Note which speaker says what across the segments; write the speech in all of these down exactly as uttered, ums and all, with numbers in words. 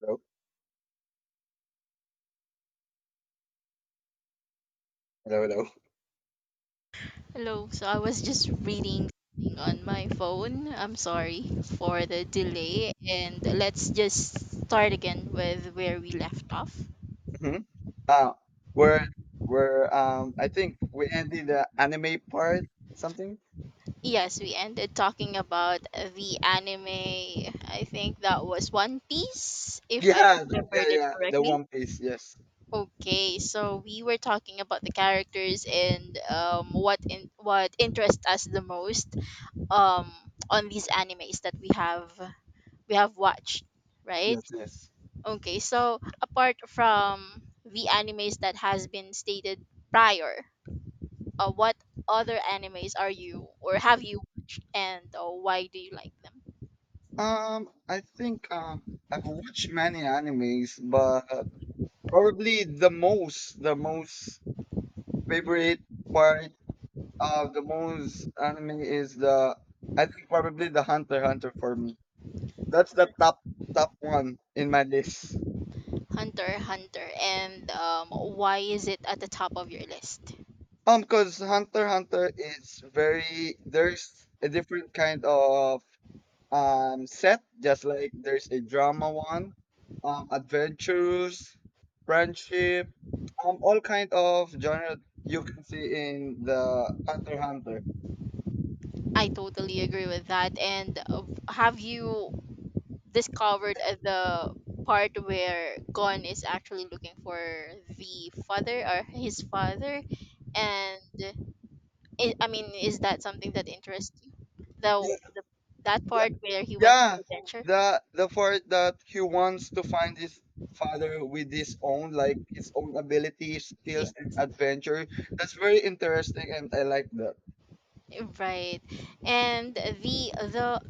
Speaker 1: Hello, hello, hello.
Speaker 2: Hello, so I was just reading something on my phone. I'm sorry for the delay, and let's just start again with where we left off.
Speaker 1: hmm Uh, we're we're um I think we ended the anime part something.
Speaker 2: Yes, we ended talking about the anime. I think that was One Piece, if I
Speaker 1: Yeah, th-
Speaker 2: remembered
Speaker 1: yeah,
Speaker 2: it
Speaker 1: yeah. The
Speaker 2: correctly.
Speaker 1: One Piece. Yes,
Speaker 2: Okay, so we were talking about the characters and um, what in, what interests us the most um, on these animes that we have we have watched, right?
Speaker 1: yes, yes.
Speaker 2: Okay, so apart from the animes that has been stated prior, uh, what other animes are you or have you watched and uh, why do you like them?
Speaker 1: Um, I think um I've watched many animes, but probably the most the most favorite part of the most anime is the I think probably the Hunter x Hunter for me. That's the top top one in my list.
Speaker 2: Hunter, Hunter, and um, why is it at the top of your list?
Speaker 1: Um, because Hunter x Hunter is very there's a different kind of um set, just like there's a drama one, um, adventures, friendship, um, all kind of genre you can see in the Hunter x Hunter.
Speaker 2: I totally agree with that. And uh, have you discovered uh, the part where Gon is actually looking for the father or his father? And I I mean, is that something that interests you? The,
Speaker 1: Yeah,
Speaker 2: the that
Speaker 1: yeah,
Speaker 2: part where he went to
Speaker 1: yeah.
Speaker 2: the adventure.
Speaker 1: The the part that he wants to find his father with his own like his own abilities,
Speaker 2: Yeah,
Speaker 1: skills, and adventure. That's very interesting, and I like that.
Speaker 2: right. And the the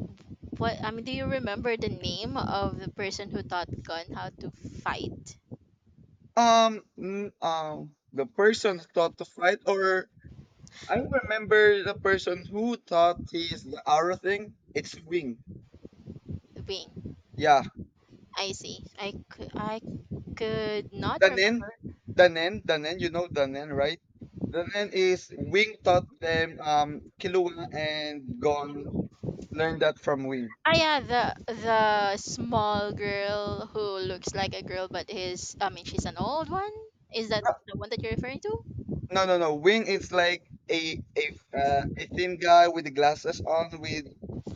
Speaker 2: what? I mean, do you remember the name of the person who taught Gun how to fight?
Speaker 1: Um, mm, um, the person who thought to fight, or I remember the person who thought he's the arrow thing. It's wing.
Speaker 2: Wing.
Speaker 1: Yeah,
Speaker 2: I see. I could I could not
Speaker 1: Danen,
Speaker 2: remember.
Speaker 1: Danen, Danen. You know Danen, right? Danen is wing taught them. Um, Killua and Gon learned that from wing.
Speaker 2: Ah yeah, the the small girl who looks like a girl but is I mean she's an old one. Is that
Speaker 1: No,
Speaker 2: the one that you're referring to?
Speaker 1: no, no. No, Wing is like a a uh, a thin guy with the glasses on, with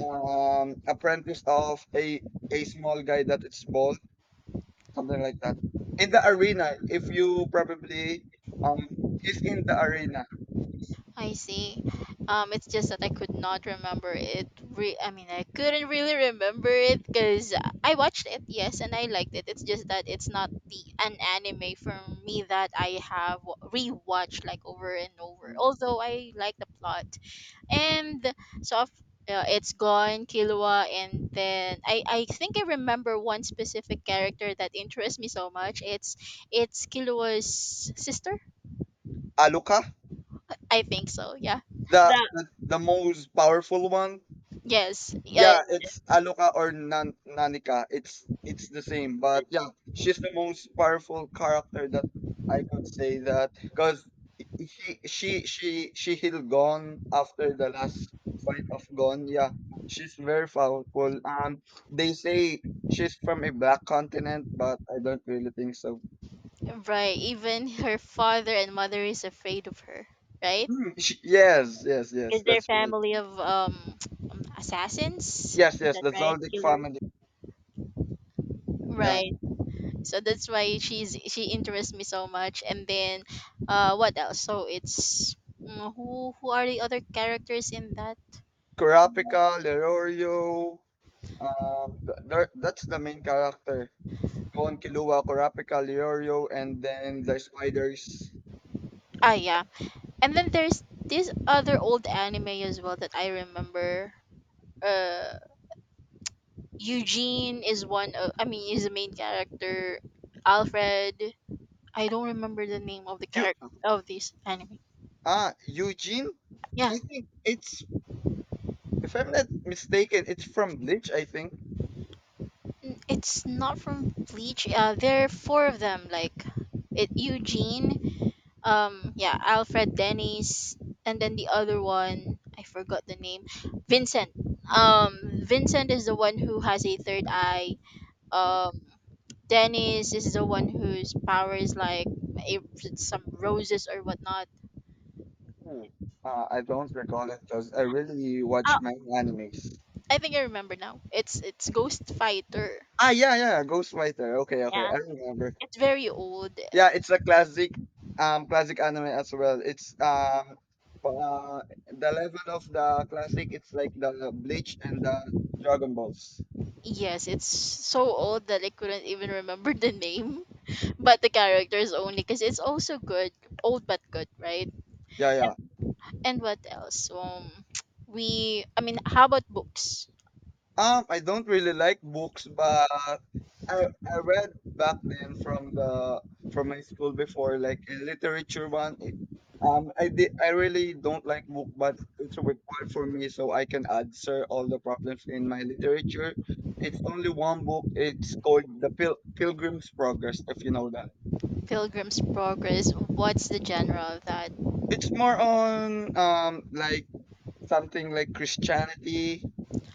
Speaker 1: um apprentice of a a small guy that is bald, something like that. In the arena, if you probably um is in the arena,
Speaker 2: I see. Um, it's just that I could not remember it. Re- I mean, I couldn't really remember it because I watched it, yes, and I liked it. It's just that it's not the an anime for me that I have rewatched like over and over. Although I like the plot, and so af- uh, it's gone, Killua, and then I I think I remember one specific character that interests me so much. It's it's Killua's sister.
Speaker 1: Aluka,
Speaker 2: I think so. Yeah.
Speaker 1: the, the the most powerful one.
Speaker 2: Yes, yeah,
Speaker 1: Yeah, it's Aloka or Nan Nanika. It's it's the same, but yeah, she's the most powerful character that I could say that because he, she she she healed Gon after the last fight of Gon. Yeah, she's very powerful. Um, they say she's from a black continent, but I don't really think so.
Speaker 2: right. Even her father and mother is afraid of her, right?
Speaker 1: Hmm, she- yes, yes, yes,
Speaker 2: Because they're
Speaker 1: that's right.
Speaker 2: family of um assassins.
Speaker 1: Yes,
Speaker 2: Is
Speaker 1: yes,
Speaker 2: that
Speaker 1: the
Speaker 2: right?
Speaker 1: Zoldic
Speaker 2: Killers.
Speaker 1: family. Yeah,
Speaker 2: Right. So that's why she's she interests me so much. And then, uh, what else? So it's mm, who who are the other characters in that?
Speaker 1: Kurapika, Lerorio. Um, th There that's the main character. Con Killua, Kurapika, Leorio, and then the spiders.
Speaker 2: Ah, yeah. And then there's this other old anime as well that I remember. Uh. Eugene is one of I mean is the main character. Alfred. I don't remember the name of the
Speaker 1: You
Speaker 2: character of this anime.
Speaker 1: ah Eugene?
Speaker 2: Yeah.
Speaker 1: I think it's, if I'm not mistaken, it's from Bleach, I think.
Speaker 2: N- It's not from Bleach. Uh, there are four of them, like it Eugene, um yeah, Alfred, Dennis, and then the other one, I forgot the name. Vincent. Um, Vincent is the one who has a third eye.
Speaker 1: Mhm.
Speaker 2: Um, Dennis is the one whose power is like eh, some roses or whatnot.
Speaker 1: Ooh. Uh, I don't recall it because I really
Speaker 2: Uh,
Speaker 1: watch many animes.
Speaker 2: I think I remember now. It's it's Ghost Fighter.
Speaker 1: Ah, yeah, yeah, Ghostwriter. Okay, okay, I
Speaker 2: Yeah.
Speaker 1: remember.
Speaker 2: It's very old.
Speaker 1: Yeah, it's a classic, um, classic anime as well. It's um, uh, The level of the classic. It's like the Bleach and the Dragon Balls.
Speaker 2: Yes, it's so old that I couldn't even remember the name, but the characters only, because it's also good, old but good, right?
Speaker 1: Yeah, yeah.
Speaker 2: And what else? Um, we. I mean, how about books?
Speaker 1: Um, I don't really like books, but I I read back then from the from my school before, like a literature one. It, um, I did I really don't like book, but it's required for me so I can answer all the problems in my literature. It's only one book. It's called The Pil Pilgrim's Progress, if you know that.
Speaker 2: Pilgrim's Progress. What's the genre of that?
Speaker 1: It's more on um like something like Christianity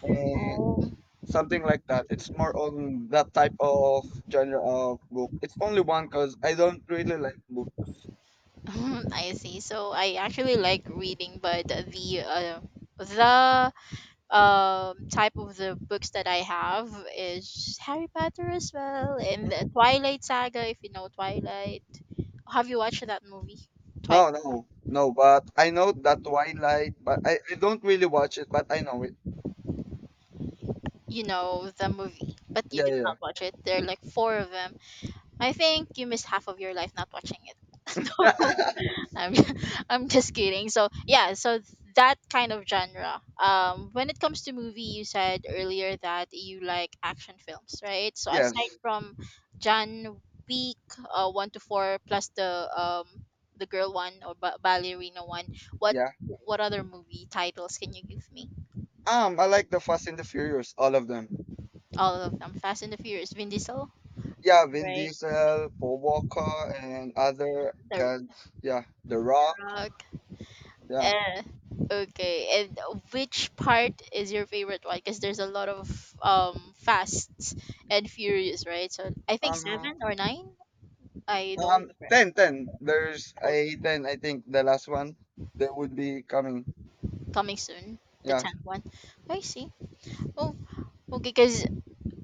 Speaker 1: and.
Speaker 2: Oh.
Speaker 1: Something like that. It's more on that type of genre of book. It's only one because I don't really like books.
Speaker 2: I see. So I actually like reading, but the uh, the um type of the books that I have is Harry Potter as well and the Twilight Saga, if you know Twilight. Have you watched that movie? Twilight.
Speaker 1: No, no, no. But I know that Twilight, but I, I don't really watch it, but I know it.
Speaker 2: You know the movie, but you
Speaker 1: Yeah,
Speaker 2: did not
Speaker 1: yeah,
Speaker 2: watch it. There are like four of them. I think you missed half of your life not watching it. No.
Speaker 1: yeah.
Speaker 2: I'm I'm just kidding. So yeah, so that kind of genre. Um, when it comes to movie, you said earlier that you like action films, right? So
Speaker 1: Yes,
Speaker 2: aside from Jan Week uh, one to four plus the um the girl one or ba- ballerina one, what
Speaker 1: yeah.
Speaker 2: what other movie titles can you give me?
Speaker 1: Um, I like the Fast and the Furious, all of them.
Speaker 2: All of them: Fast and the Furious, Vin Diesel,
Speaker 1: Yeah, Vin
Speaker 2: right?
Speaker 1: Diesel, Paul Walker, and other
Speaker 2: The
Speaker 1: guys. Yeah, The Rock.
Speaker 2: Rock.
Speaker 1: Yeah.
Speaker 2: Uh, okay. And which part is your favorite one? Because there's a lot of um Fast and Furious, right? So I think
Speaker 1: Uh-huh.
Speaker 2: seven or nine. I don't
Speaker 1: Um,
Speaker 2: remember.
Speaker 1: ten, ten. There's
Speaker 2: Oh,
Speaker 1: a ten, I think, the last one that would be coming.
Speaker 2: coming soon, the
Speaker 1: Yeah.
Speaker 2: tenth one. I see. Oh, okay. Because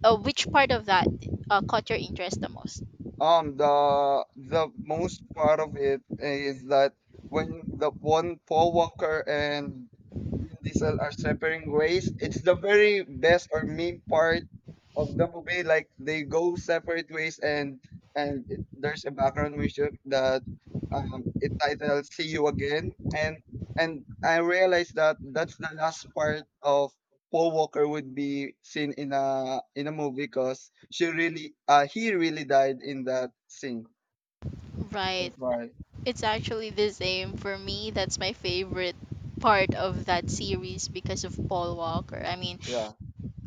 Speaker 2: uh, which part of that uh, caught your interest the most?
Speaker 1: Um, the the most part of it is that when the one Paul Walker and Vin Diesel are separating ways, it's the very best or main part of the movie. Like they go separate ways, and and it, there's a background music that um it titled "See You Again," and and I realized that that's the last part of Paul Walker would be seen in a in a movie because she really uh he really died in that scene.
Speaker 2: Right.
Speaker 1: That's why.
Speaker 2: It's actually the same for me. That's my favorite part of that series because of Paul Walker. I mean,
Speaker 1: Yeah.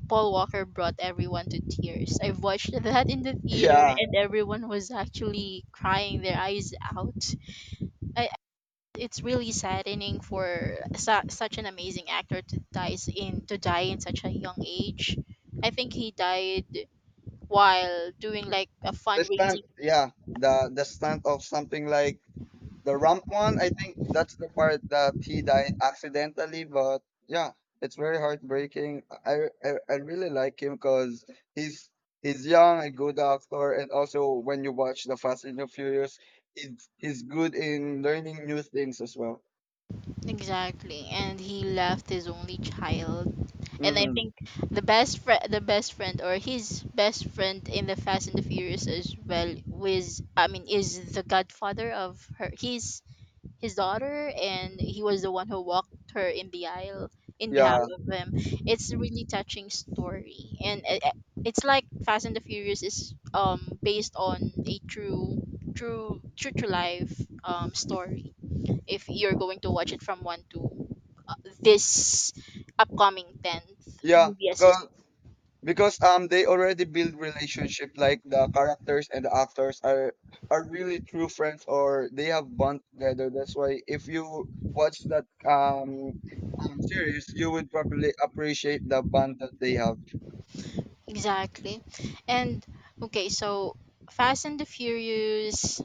Speaker 2: Paul Walker brought everyone to tears. I've watched that in the theater
Speaker 1: Yeah.
Speaker 2: and everyone was actually crying their eyes out. I, it's really saddening for su- such an amazing actor to dies in to die in such a young age. I think he died while doing like a
Speaker 1: The stunt,
Speaker 2: fundraising.
Speaker 1: yeah. The the stunt of something like the ramp one, I think that's the part that he died accidentally, but yeah, it's very heartbreaking. I I, I really like him because he's he's young, a good actor, and also when you watch the Fast and the Furious, he's he's good in learning new things as well.
Speaker 2: Exactly. And he left his only child. And I
Speaker 1: Hmm.
Speaker 2: think the best friend, the best friend, or his best friend in the Fast and the Furious as well, was I mean, is the godfather of her, his his daughter, and he was the one who walked her in the aisle in behalf
Speaker 1: Yeah,
Speaker 2: of him. It's a really touching story, and it, it's like Fast and the Furious is um based on a true, true, true to life um story if you're going to watch it from one to uh, this upcoming tenth
Speaker 1: yeah,
Speaker 2: movie as you s-
Speaker 1: 'cause- because um they already build relationship like the characters and the actors are are really true friends or they have bond together. That's why if you watch that um um series, you would probably appreciate the bond that they have.
Speaker 2: exactly. And okay, so Fast and the Furious,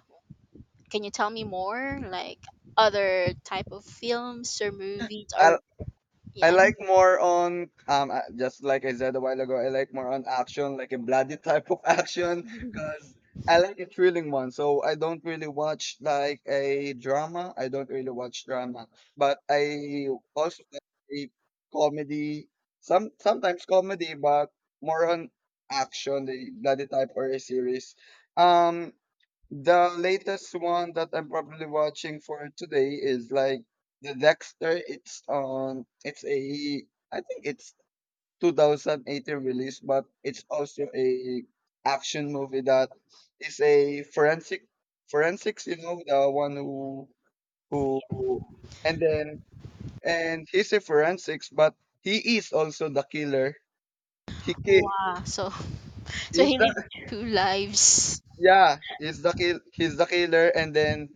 Speaker 2: can you tell me more, like other type of films or movies or
Speaker 1: I I
Speaker 2: yeah, I
Speaker 1: like more on um uh, just like I said a while ago, I like more on action, like a bloody type of action,
Speaker 2: think-
Speaker 1: because I like a thrilling one. So I don't really watch like a drama. I don't really watch drama, but I also like a comedy. Some sometimes comedy, but more on action, the bloody type or a series. Um, the latest one that I'm probably watching for today is like the Dexter. It's on. It's a. I think it's twenty eighteen release, but it's also a action movie that is a forensic forensics. You know the one who who who- and then and he's a forensics, but he is also the killer. He ki-
Speaker 2: wow, so so
Speaker 1: is
Speaker 2: he
Speaker 1: the
Speaker 2: lives two lives.
Speaker 1: Yeah, he's the kill. He's the killer, and then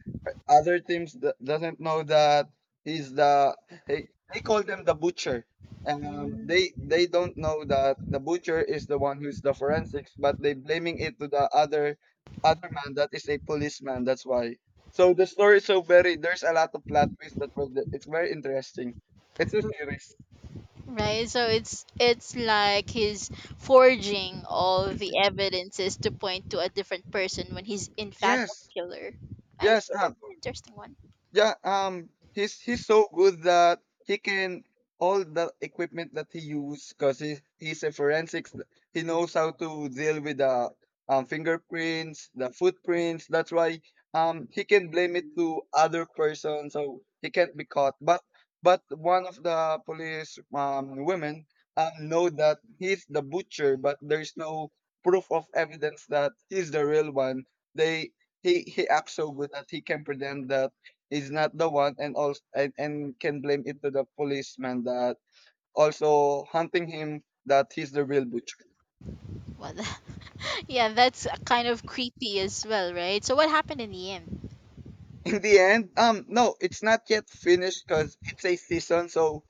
Speaker 1: other teams d- doesn't know that he's the. They, they call them the butcher. Um, they they don't know that the butcher is the one who's the forensics, but they blaming it to the other other man that is a policeman. That's why. So the story is so very. There's a lot of plot twists that were. the- It's very interesting. It's a series.
Speaker 2: Right, so it's it's like he's forging all the evidences to point to a different person when he's in fact a
Speaker 1: Yes.
Speaker 2: killer. I
Speaker 1: Yes.
Speaker 2: see,
Speaker 1: Um,
Speaker 2: that's an interesting one.
Speaker 1: Yeah, um, he's he's so good that he can all the equipment that he use because he, he's a forensics. He knows how to deal with the um, fingerprints, the footprints. That's why um he can blame it to other person, so he can't be caught. But but one of the police um women um know that he's the butcher, but there's no proof of evidence that he's the real one. They he he acts so good that he can pretend that is not the one, and also and, and can blame it to the policeman that also hunting him that he's the real butcher.
Speaker 2: Well, yeah, that's kind of creepy as well, right? So what happened in the end?
Speaker 1: In the end, um no, it's not yet finished because it's a season, so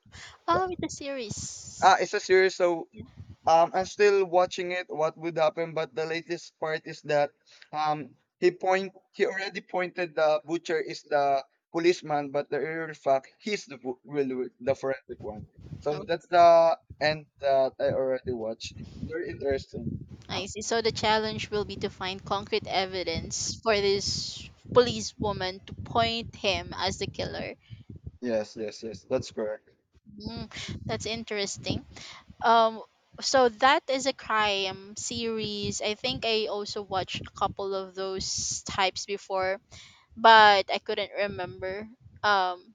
Speaker 2: Oh, it's a series.
Speaker 1: uh, it's a series, so
Speaker 2: Yeah.
Speaker 1: Um, I'm still watching it. What would happen? But the latest part is that um, he point he already pointed the butcher is the policeman, but the real fact he's the bu- real the forensic one. So
Speaker 2: Oh,
Speaker 1: that's the end that I already watched. Very interesting.
Speaker 2: I see. So the challenge will be to find concrete evidence for this policewoman to point him as the killer.
Speaker 1: Yes, yes, yes. That's correct.
Speaker 2: Mm, that's interesting. Um, so that is a crime series. I think I also watched a couple of those types before, but I couldn't remember. Um,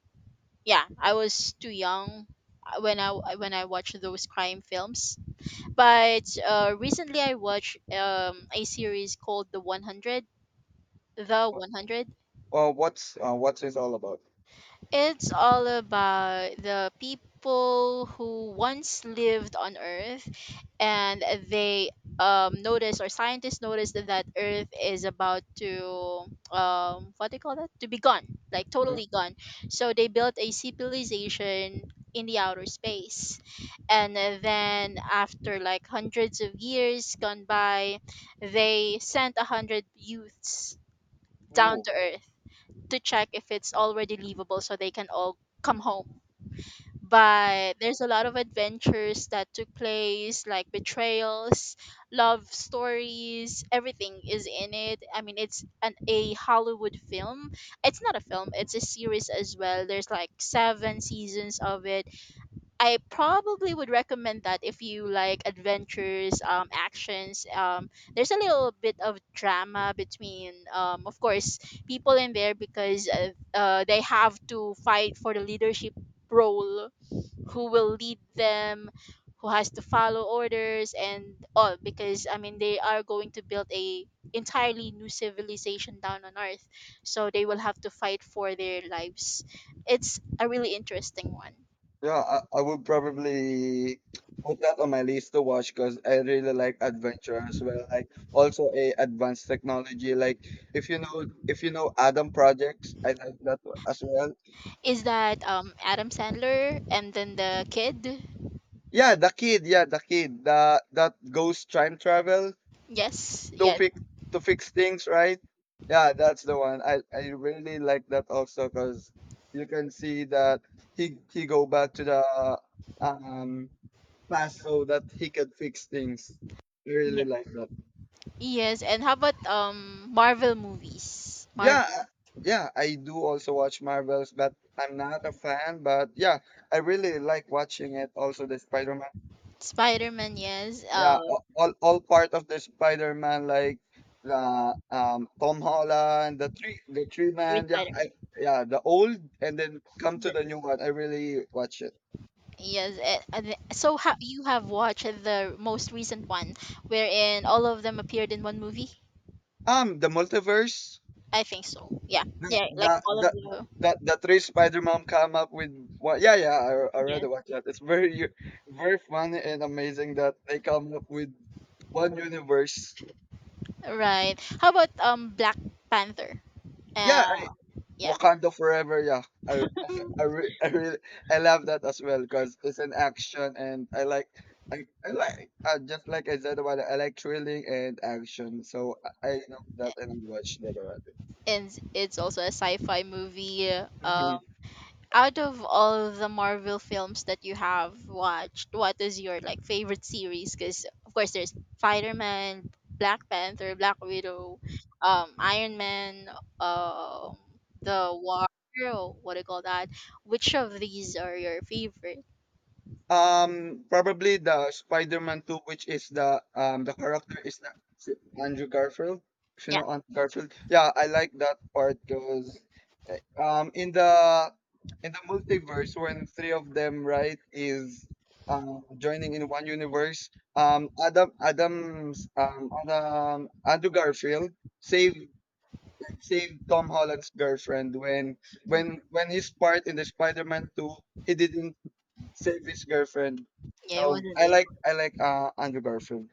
Speaker 2: yeah, I was too young uh, when I when I watched those crime films. But uh, recently I watched um a series called The One Hundred. The one hundred.
Speaker 1: Uh, what's uh, what's it all about?
Speaker 2: It's all about the people who once lived on Earth and they um notice, or scientists noticed that Earth is about to um what do you call that? To be gone. Like
Speaker 1: Mhm.
Speaker 2: totally gone. So they built a civilization in the outer space. And then after like hundreds of years gone by, they sent a hundred youths down
Speaker 1: Ooh.
Speaker 2: to Earth to check if it's already leavable so they can all come home. But there's a lot of adventures that took place, like betrayals, love stories, everything is in it. I mean, it's an a Hollywood film. It's not a film, it's a series as well. There's like seven seasons of it. I probably would recommend that if you like adventures, um, actions. Um, there's a little bit of drama between, um, of course, people in there because uh, uh, they have to fight for the leadership role, who will lead them, who has to follow orders, and all. Because I mean, they are going to build a entirely new civilization down on Earth, so they will have to fight for their lives. It's a really interesting one.
Speaker 1: Yeah, I, I would probably put that on my list to watch because I really like adventure as well. Like also a advanced technology. Like if you know if you know Adam Projects, I like that one as well.
Speaker 2: Is that um Adam Sandler and then the kid?
Speaker 1: Yeah, the kid, yeah, the kid, the that goes time travel.
Speaker 2: Yes,
Speaker 1: to
Speaker 2: yes,
Speaker 1: fix to fix things, right? Yeah, that's the one. I I really like that also because you can see that he he go back to the um past so that he could fix things. I really
Speaker 2: yes,
Speaker 1: like that.
Speaker 2: yes. And how about um Marvel movies?
Speaker 1: Yeah,
Speaker 2: Marvel,
Speaker 1: uh, yeah. I do also watch Marvels, but I'm not a fan. But yeah, I really like watching it. Also, the Spider-Man.
Speaker 2: Spider Man, yes.
Speaker 1: Yeah, a-
Speaker 2: Um,
Speaker 1: all all part of the Spider-Man, like the um Tom Holland, the three the three
Speaker 2: three
Speaker 1: man, yeah,
Speaker 2: Spider Man.
Speaker 1: I, yeah, the old and then come to the new one. I really watch it.
Speaker 2: Yes. eh, and the- so ha- You have watched the most recent one, wherein all of them appeared in one movie?
Speaker 1: Um, the multiverse,
Speaker 2: I think so. Yeah,
Speaker 1: the
Speaker 2: yeah. Like
Speaker 1: the
Speaker 2: all
Speaker 1: the
Speaker 2: of the
Speaker 1: the, the three Spider-Man come up with what? Yeah, yeah, I I
Speaker 2: yes.
Speaker 1: rather watch that. It's very very funny and amazing that they come up with one universe.
Speaker 2: Right. How about um Black Panther? Uh,
Speaker 1: Yeah,
Speaker 2: yeah.
Speaker 1: Wakanda Forever, yeah. I I, re- I really I love that as well because it's an action and I like I, I like, uh, just like I said about it, I like thrilling and action. So I I know that and I watched that already.
Speaker 2: And it's also a sci-fi movie. Um,
Speaker 1: Mhm.
Speaker 2: out of all of the Marvel films that you have watched, what is your like favorite series? Because of course there's Spider Man, Black Panther, Black Widow, um, Iron Man, um, the War. Or what do you call that? Which of these are your favorite?
Speaker 1: Um, probably the Spider-Man two, which is the um the character is the is it Andrew Garfield. If you
Speaker 2: Yeah,
Speaker 1: know Andrew Garfield, yeah, I like that part because um in the in the multiverse when three of them right is um joining in one universe, um Adam Adam's um Adam Andrew Garfield saved saved Tom Holland's girlfriend when when when he's part in the Spider-Man two, he didn't Savage Girlfriend.
Speaker 2: yeah, it
Speaker 1: Um,
Speaker 2: wasn't
Speaker 1: I like
Speaker 2: able.
Speaker 1: I like uh Andrew Garfield.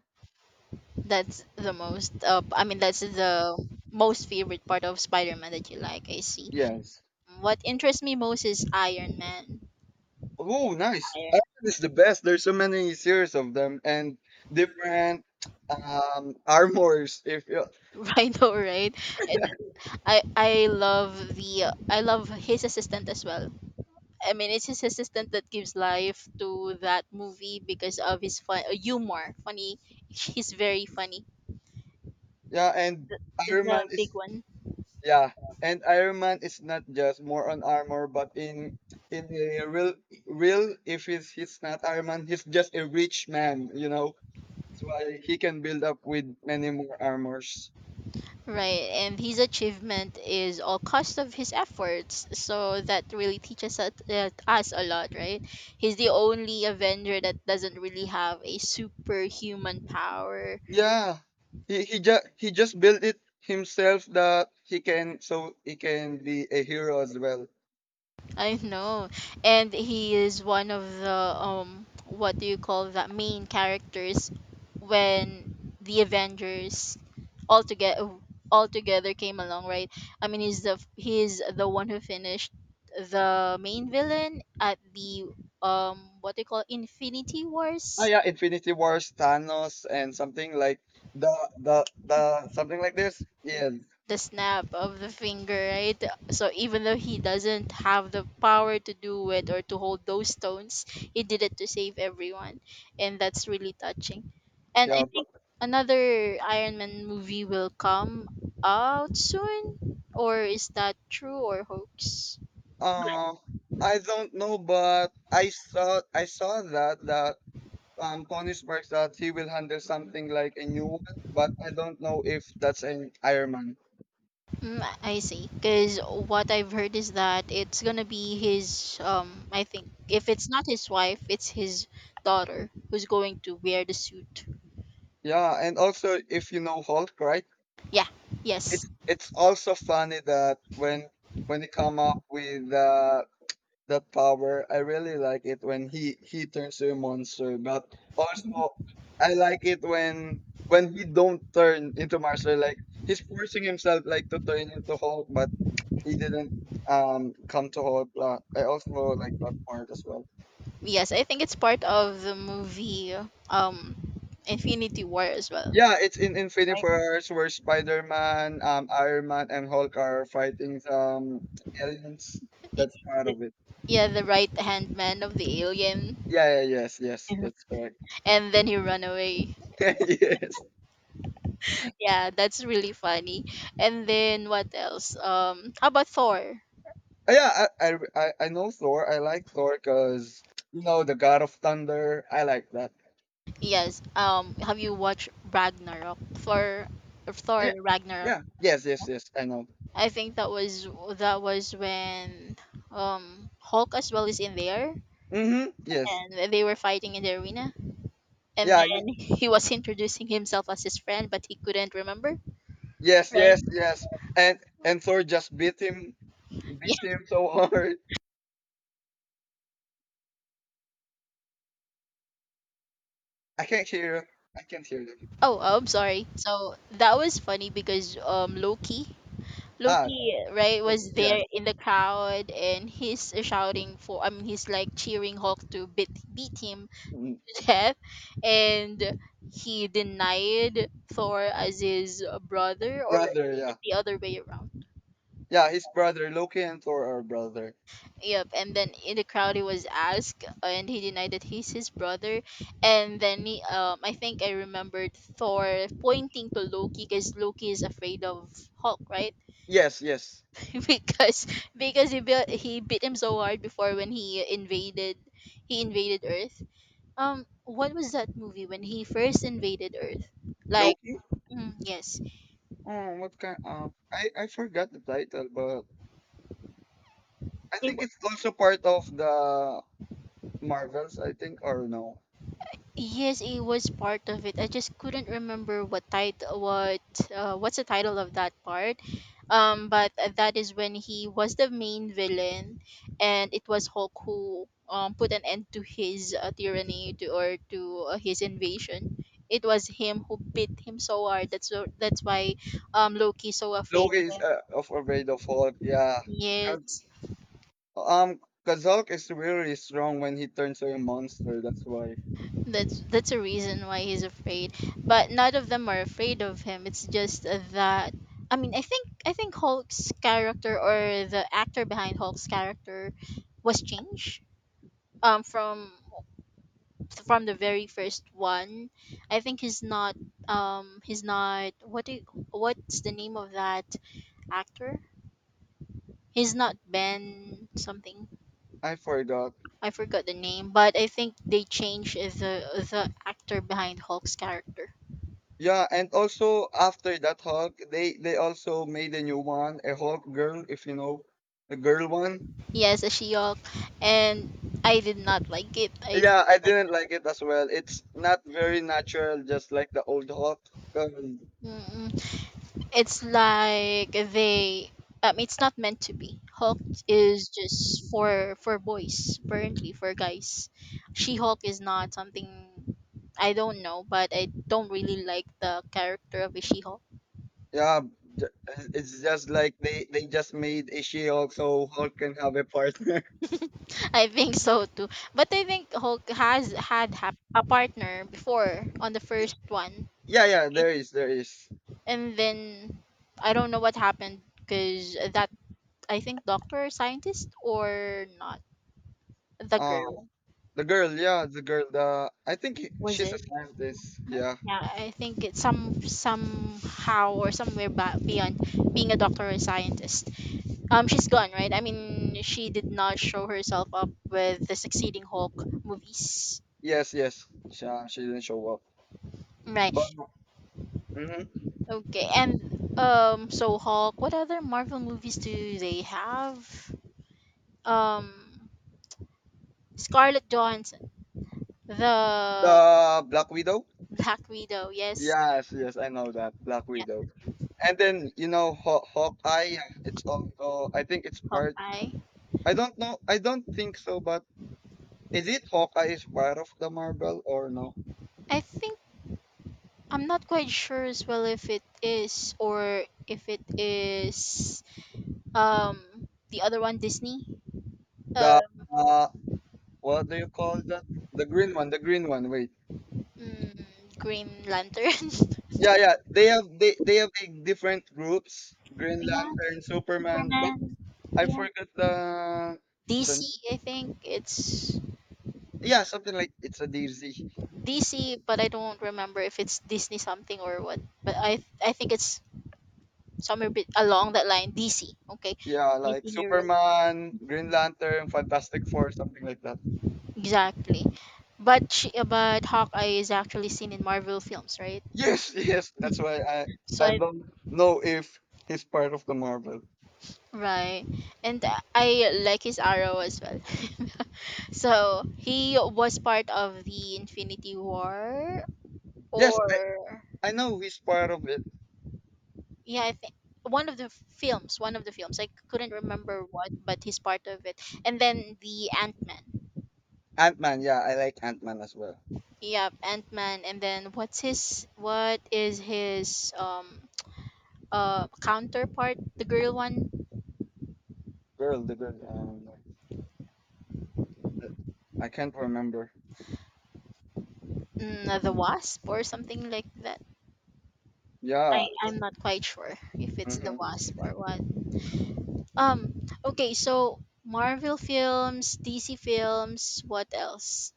Speaker 2: That's the most. Uh, I mean, that's the most favorite part of Spider Man that you like. I see.
Speaker 1: Yes.
Speaker 2: What interests me most is Iron Man.
Speaker 1: Oh, nice. Iron is the best. There's so many series of them and different um armors. If you
Speaker 2: Right, though, right? And I I love the I love his assistant as well. I mean, it's his assistant that gives life to that movie because of his fun uh, humor. Funny, he's very funny.
Speaker 1: yeah, and
Speaker 2: The,
Speaker 1: Iron
Speaker 2: the
Speaker 1: Man
Speaker 2: big
Speaker 1: is
Speaker 2: one,
Speaker 1: yeah, and Iron Man is not just more on armor, but in in a real real, if he's he's not Iron Man, he's just a rich man. You know, that's why he can build up with many more armors.
Speaker 2: right? And his achievement is all cost of his efforts. So that really teaches us, uh, us a lot, right? He's the only Avenger that doesn't really have a superhuman power.
Speaker 1: Yeah, he he just he just built it himself that he can so he can be a hero as well.
Speaker 2: I know. And he is one of the um what do you call that main characters when the Avengers all together all together came along, right? I mean, he's the he's the one who finished the main villain at the um what do you call Infinity
Speaker 1: Ah,
Speaker 2: Wars,
Speaker 1: yeah, Infinity Wars, Thanos, and something like the the the something like this. Yes,
Speaker 2: the snap of the finger, right? So even though he doesn't have the power to do it or to hold those stones, he did it to save everyone. And that's really touching. And I
Speaker 1: yeah. But,
Speaker 2: think another Iron Man movie will come out soon. Or is that true or hoax?
Speaker 1: uh, I don't know, but I saw I saw that that um Tony Stark, that he will handle something like a new one, but I don't know if that's an Iron Man.
Speaker 2: Mm, I see. Because what I've heard is that it's gonna be his, um, I think, if it's not his wife, it's his daughter who's going to wear the suit.
Speaker 1: Yeah, and also if you know Hulk, right?
Speaker 2: Yeah. Yes.
Speaker 1: It's it's also funny that when when he come up with uh, that power. I really like it when he he turns to a monster. But also, I like it when when he don't turn into monster. Like he's forcing himself like to turn into Hulk, but he didn't um come to Hulk. Uh, I also like that part as well.
Speaker 2: Yes, I think it's part of the movie um Infinity War as well.
Speaker 1: Yeah, it's in Infinity
Speaker 2: Right.
Speaker 1: Wars where Spider-Man, um, Iron Man, and Hulk are fighting um aliens. That's
Speaker 2: Y-
Speaker 1: part of it.
Speaker 2: Yeah, the right-hand man of the alien.
Speaker 1: Yeah, yeah, yes, yes,
Speaker 2: Mhm.
Speaker 1: that's correct.
Speaker 2: And then he run away.
Speaker 1: Yes.
Speaker 2: Yeah, that's really funny. And then what else? Um how about Thor?
Speaker 1: Uh, Yeah, I, I, I I know Thor. I like Thor because, you know, the God of Thunder. I like that.
Speaker 2: Yes. Um, have you watched Ragnarok? Thor Thor
Speaker 1: Yeah,
Speaker 2: Ragnarok.
Speaker 1: yeah, yes, yes, yes, I know.
Speaker 2: I think that was that was when um Hulk as well is in there
Speaker 1: Mm-hmm, yes.
Speaker 2: and they were fighting in the arena. And
Speaker 1: Yeah,
Speaker 2: then
Speaker 1: y-
Speaker 2: he was introducing himself as his friend, but he couldn't remember,
Speaker 1: yes,
Speaker 2: right?
Speaker 1: yes, yes. And and Thor just beat him, beat
Speaker 2: Yeah.
Speaker 1: him so hard. I can't hear, I can't hear you.
Speaker 2: Oh, I'm sorry. So that was funny because um Loki,
Speaker 1: Ah,
Speaker 2: Loki, right,
Speaker 1: the-
Speaker 2: was there
Speaker 1: yes,
Speaker 2: in the crowd and he's shouting for. I mean, he's like cheering Hulk to beat beat him
Speaker 1: mm,
Speaker 2: to death, and he denied Thor as his brother, or
Speaker 1: brother, yeah.
Speaker 2: the other way around.
Speaker 1: Yeah, his brother, Loki and Thor are brother.
Speaker 2: Yep, and then in the crowd he was asked, uh, and he denied that he's his brother. And then he, um, I think I remembered Thor pointing to Loki because Loki is afraid of Hulk, right?
Speaker 1: Yes, yes.
Speaker 2: because because he beat he beat him so hard before when he invaded he invaded Earth. Um, what was that movie when he first invaded Earth? Like,
Speaker 1: Loki?
Speaker 2: mm, yes,
Speaker 1: Oh, what kind of I I forgot the title, but I
Speaker 2: it,
Speaker 1: think it's also part of the Marvels, I think, or no.
Speaker 2: Yes, it was part of it. I just couldn't remember what title, what uh, what's the title of that part. Um, but that is when he was the main villain, and it was Hulk who um put an end to his uh, tyranny to or to uh, his invasion. It was him who beat him so hard. That's so, that's why um Loki so afraid
Speaker 1: Loki
Speaker 2: of
Speaker 1: is
Speaker 2: him.
Speaker 1: uh, of afraid of Hulk, yeah. 'Cause,
Speaker 2: Yes.
Speaker 1: Um, cause Hulk is really strong when he turns to a monster. That's why
Speaker 2: That's that's a reason why he's afraid. But none of them are afraid of him. It's just that I mean, I think I think Hulk's character or the actor behind Hulk's character was changed um from from the very first one. I think he's not um he's not what do you, what's the name of that actor? He's not Ben something.
Speaker 1: I forgot.
Speaker 2: I forgot the name, but I think they changed the the actor behind Hulk's character.
Speaker 1: Yeah, and also after that Hulk, they they also made a new one, a Hulk girl, if you know, the girl one.
Speaker 2: Yes, a Shiok, and I did not like it. I did
Speaker 1: Yeah,
Speaker 2: not
Speaker 1: I
Speaker 2: like.
Speaker 1: didn't like it as well. It's not very natural, just like the old Hulk. 'Cause
Speaker 2: Mm-mm. It's like they. Um, it's not meant to be. Hulk is just for for boys, apparently for guys. She Hulk is not something. I don't know, but I don't really like the character of a She Hulk.
Speaker 1: Yeah, j- it's just like they they just made a she so Hulk can have a partner.
Speaker 2: I think so too, but I think Hulk has had hap- a partner before on the first one,
Speaker 1: Yeah, yeah, there is, there is.
Speaker 2: and then I don't know what happened because that I think doctor scientist or not. The
Speaker 1: Um,
Speaker 2: girl,
Speaker 1: the girl, yeah, the girl. The I think he-
Speaker 2: was
Speaker 1: she's a
Speaker 2: it?
Speaker 1: scientist. Yeah.
Speaker 2: Yeah, I think it's some somehow or somewhere ba- beyond being a doctor or scientist. Um, she's gone, right? I mean, she did not show herself up with the succeeding Hulk movies,
Speaker 1: Yes, yes. She uh, she didn't show up. But
Speaker 2: right?
Speaker 1: mhm.
Speaker 2: Okay, and um, so Hulk. What other Marvel movies do they have? Um, Scarlett Johansson, the
Speaker 1: The Black Widow.
Speaker 2: Black Widow. Yes,
Speaker 1: Yes, yes, I know that Black
Speaker 2: yeah,
Speaker 1: Widow. And then you know Haw- Hawkeye. It's also I think it's part.
Speaker 2: Hawkeye.
Speaker 1: I don't know. I don't think so, but is it Hawkeye is part of the Marvel or no?
Speaker 2: I think I'm not quite sure as well if it is or if it is um the other one Disney.
Speaker 1: the
Speaker 2: Um
Speaker 1: uh, what do you call that? The green one, the green one. Wait,
Speaker 2: mm, Green Lantern.
Speaker 1: yeah, yeah. They have they they have like different groups: Green
Speaker 2: Yeah,
Speaker 1: Lantern, Superman. But
Speaker 2: Superman.
Speaker 1: I
Speaker 2: Yeah,
Speaker 1: forgot the the
Speaker 2: D C. I think it's
Speaker 1: yeah, something like it's a D Z.
Speaker 2: D C but I don't remember if it's Disney something or what. But I I think it's somewhere bit along that line D C. Okay.
Speaker 1: Yeah, like
Speaker 2: D C heroes.
Speaker 1: Superman, Green Lantern, Fantastic Four, something like that.
Speaker 2: Exactly. But she, but Hawkeye is actually seen in Marvel films, right?
Speaker 1: Yes, yes. That's
Speaker 2: Mhm.
Speaker 1: why I
Speaker 2: So
Speaker 1: I
Speaker 2: I.
Speaker 1: don't know if he's part of the Marvel.
Speaker 2: Right. And I like his arrow as well. So he was part of the Infinity War
Speaker 1: Yes, I
Speaker 2: or
Speaker 1: I know he's part of it.
Speaker 2: yeah, I think one of the films, one of the films. I couldn't remember what, but he's part of it. And then the Ant-Man.
Speaker 1: Ant Man. Yeah, I like Ant Man as well.
Speaker 2: Yep, Ant-Man and then what's his what is his um uh counterpart, the girl one?
Speaker 1: Girl, the girl. Um, Uh, I can't remember.
Speaker 2: Mm, the
Speaker 1: Mm,
Speaker 2: Wasp or something like that. I,
Speaker 1: Yeah.
Speaker 2: I'm not quite sure if it's the
Speaker 1: Hmm.
Speaker 2: Wasp or what. Um, okay, so Marvel films, D C films, what else?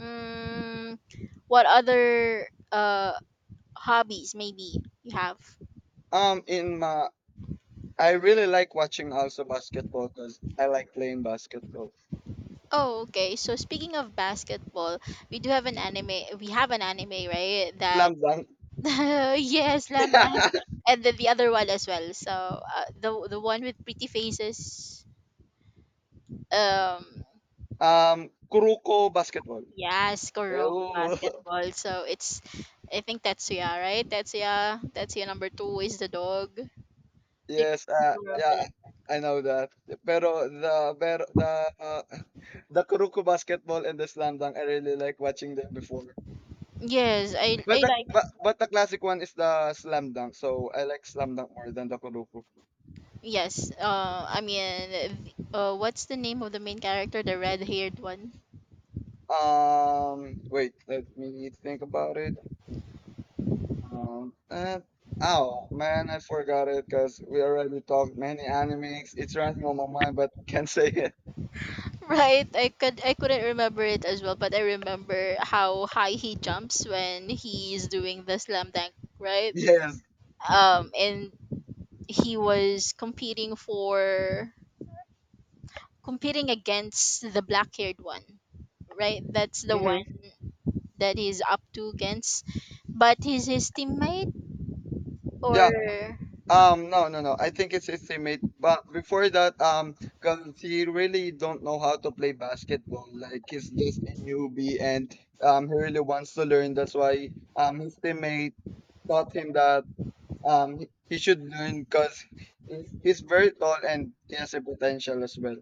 Speaker 2: Mm, what other uh hobbies maybe you have?
Speaker 1: Um, in my, I really like watching also basketball because I like playing basketball.
Speaker 2: Oh, okay. So speaking of basketball, we do have an anime. We have an anime, right? That
Speaker 1: Slam dunk.
Speaker 2: yes, slam dunk, and then the other one as well. So uh, the the one with pretty faces. Um,
Speaker 1: um, Kuruko basketball.
Speaker 2: Yes, correct.
Speaker 1: Ew.
Speaker 2: Basketball. So it's, I think Tetsuya, right? Tetsuya, Tetsuya number two is the dog. Do you
Speaker 1: Yes. Uh,
Speaker 2: remember
Speaker 1: yeah.
Speaker 2: that?
Speaker 1: I know that. Pero the pero the uh, the Kuruko basketball and the slam dunk, I really like watching them before.
Speaker 2: Yes, I,
Speaker 1: But
Speaker 2: I
Speaker 1: the
Speaker 2: like.
Speaker 1: but, but the classic one is the slam dunk, so I like slam dunk more than the Kuruko.
Speaker 2: Yes, uh, I mean, uh, what's the name of the main character? The red-haired one.
Speaker 1: Um, wait, let me think about it. Um, uh, oh man, I forgot it because we already talked many animes. It's running on my mind, but can't say it.
Speaker 2: Right, I could I couldn't remember it as well, but I remember how high he jumps when he's doing the slam dunk, right?
Speaker 1: Yes.
Speaker 2: Um, and he was competing for competing against the black haired one, right? That's the
Speaker 1: Hmm.
Speaker 2: one that he's up to against. But he's his teammate, or
Speaker 1: Yeah. Um, no, no, no, I think it's his teammate. But before that, um, because he really don't know how to play basketball. Like he's just a newbie, and um, he really wants to learn. That's why um, his teammate taught him that. Um, he he should learn because he's very tall and he has a potential as well.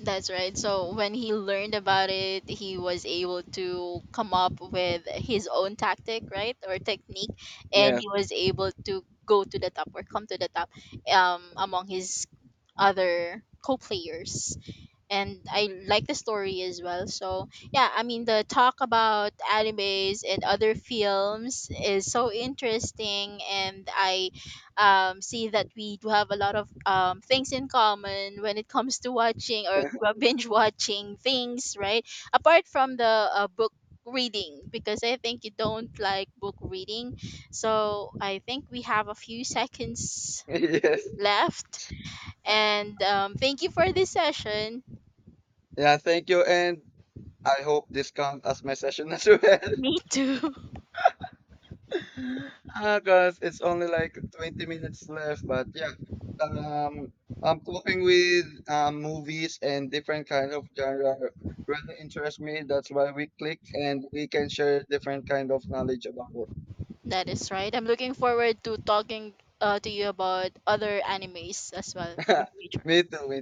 Speaker 2: that's right. So when he learned about it, he was able to come up with his own tactic, right, or technique, and
Speaker 1: Yes.
Speaker 2: he was able to go to the top or come to the top um, among his other co-players and I like the story as well. So yeah, I mean the talk about animes and other films is so interesting, and I um, see that we do have a lot of um, things in common when it comes to watching or binge watching things, right? Apart from the uh, book reading because I think you don't like book reading so I think we have a few seconds
Speaker 1: Yes.
Speaker 2: left and um, thank you for this session.
Speaker 1: Yeah, thank you. And I hope this counts as my session as well.
Speaker 2: Me too.
Speaker 1: Because it's only like twenty minutes left. But yeah, um, I'm talking with, um, movies and different kind of genre really interest me. That's why we click and we can share different kind of knowledge about
Speaker 2: That is right. I'm looking forward to talking uh, to you about other animes as well in
Speaker 1: it.
Speaker 2: future.
Speaker 1: Me too, me too.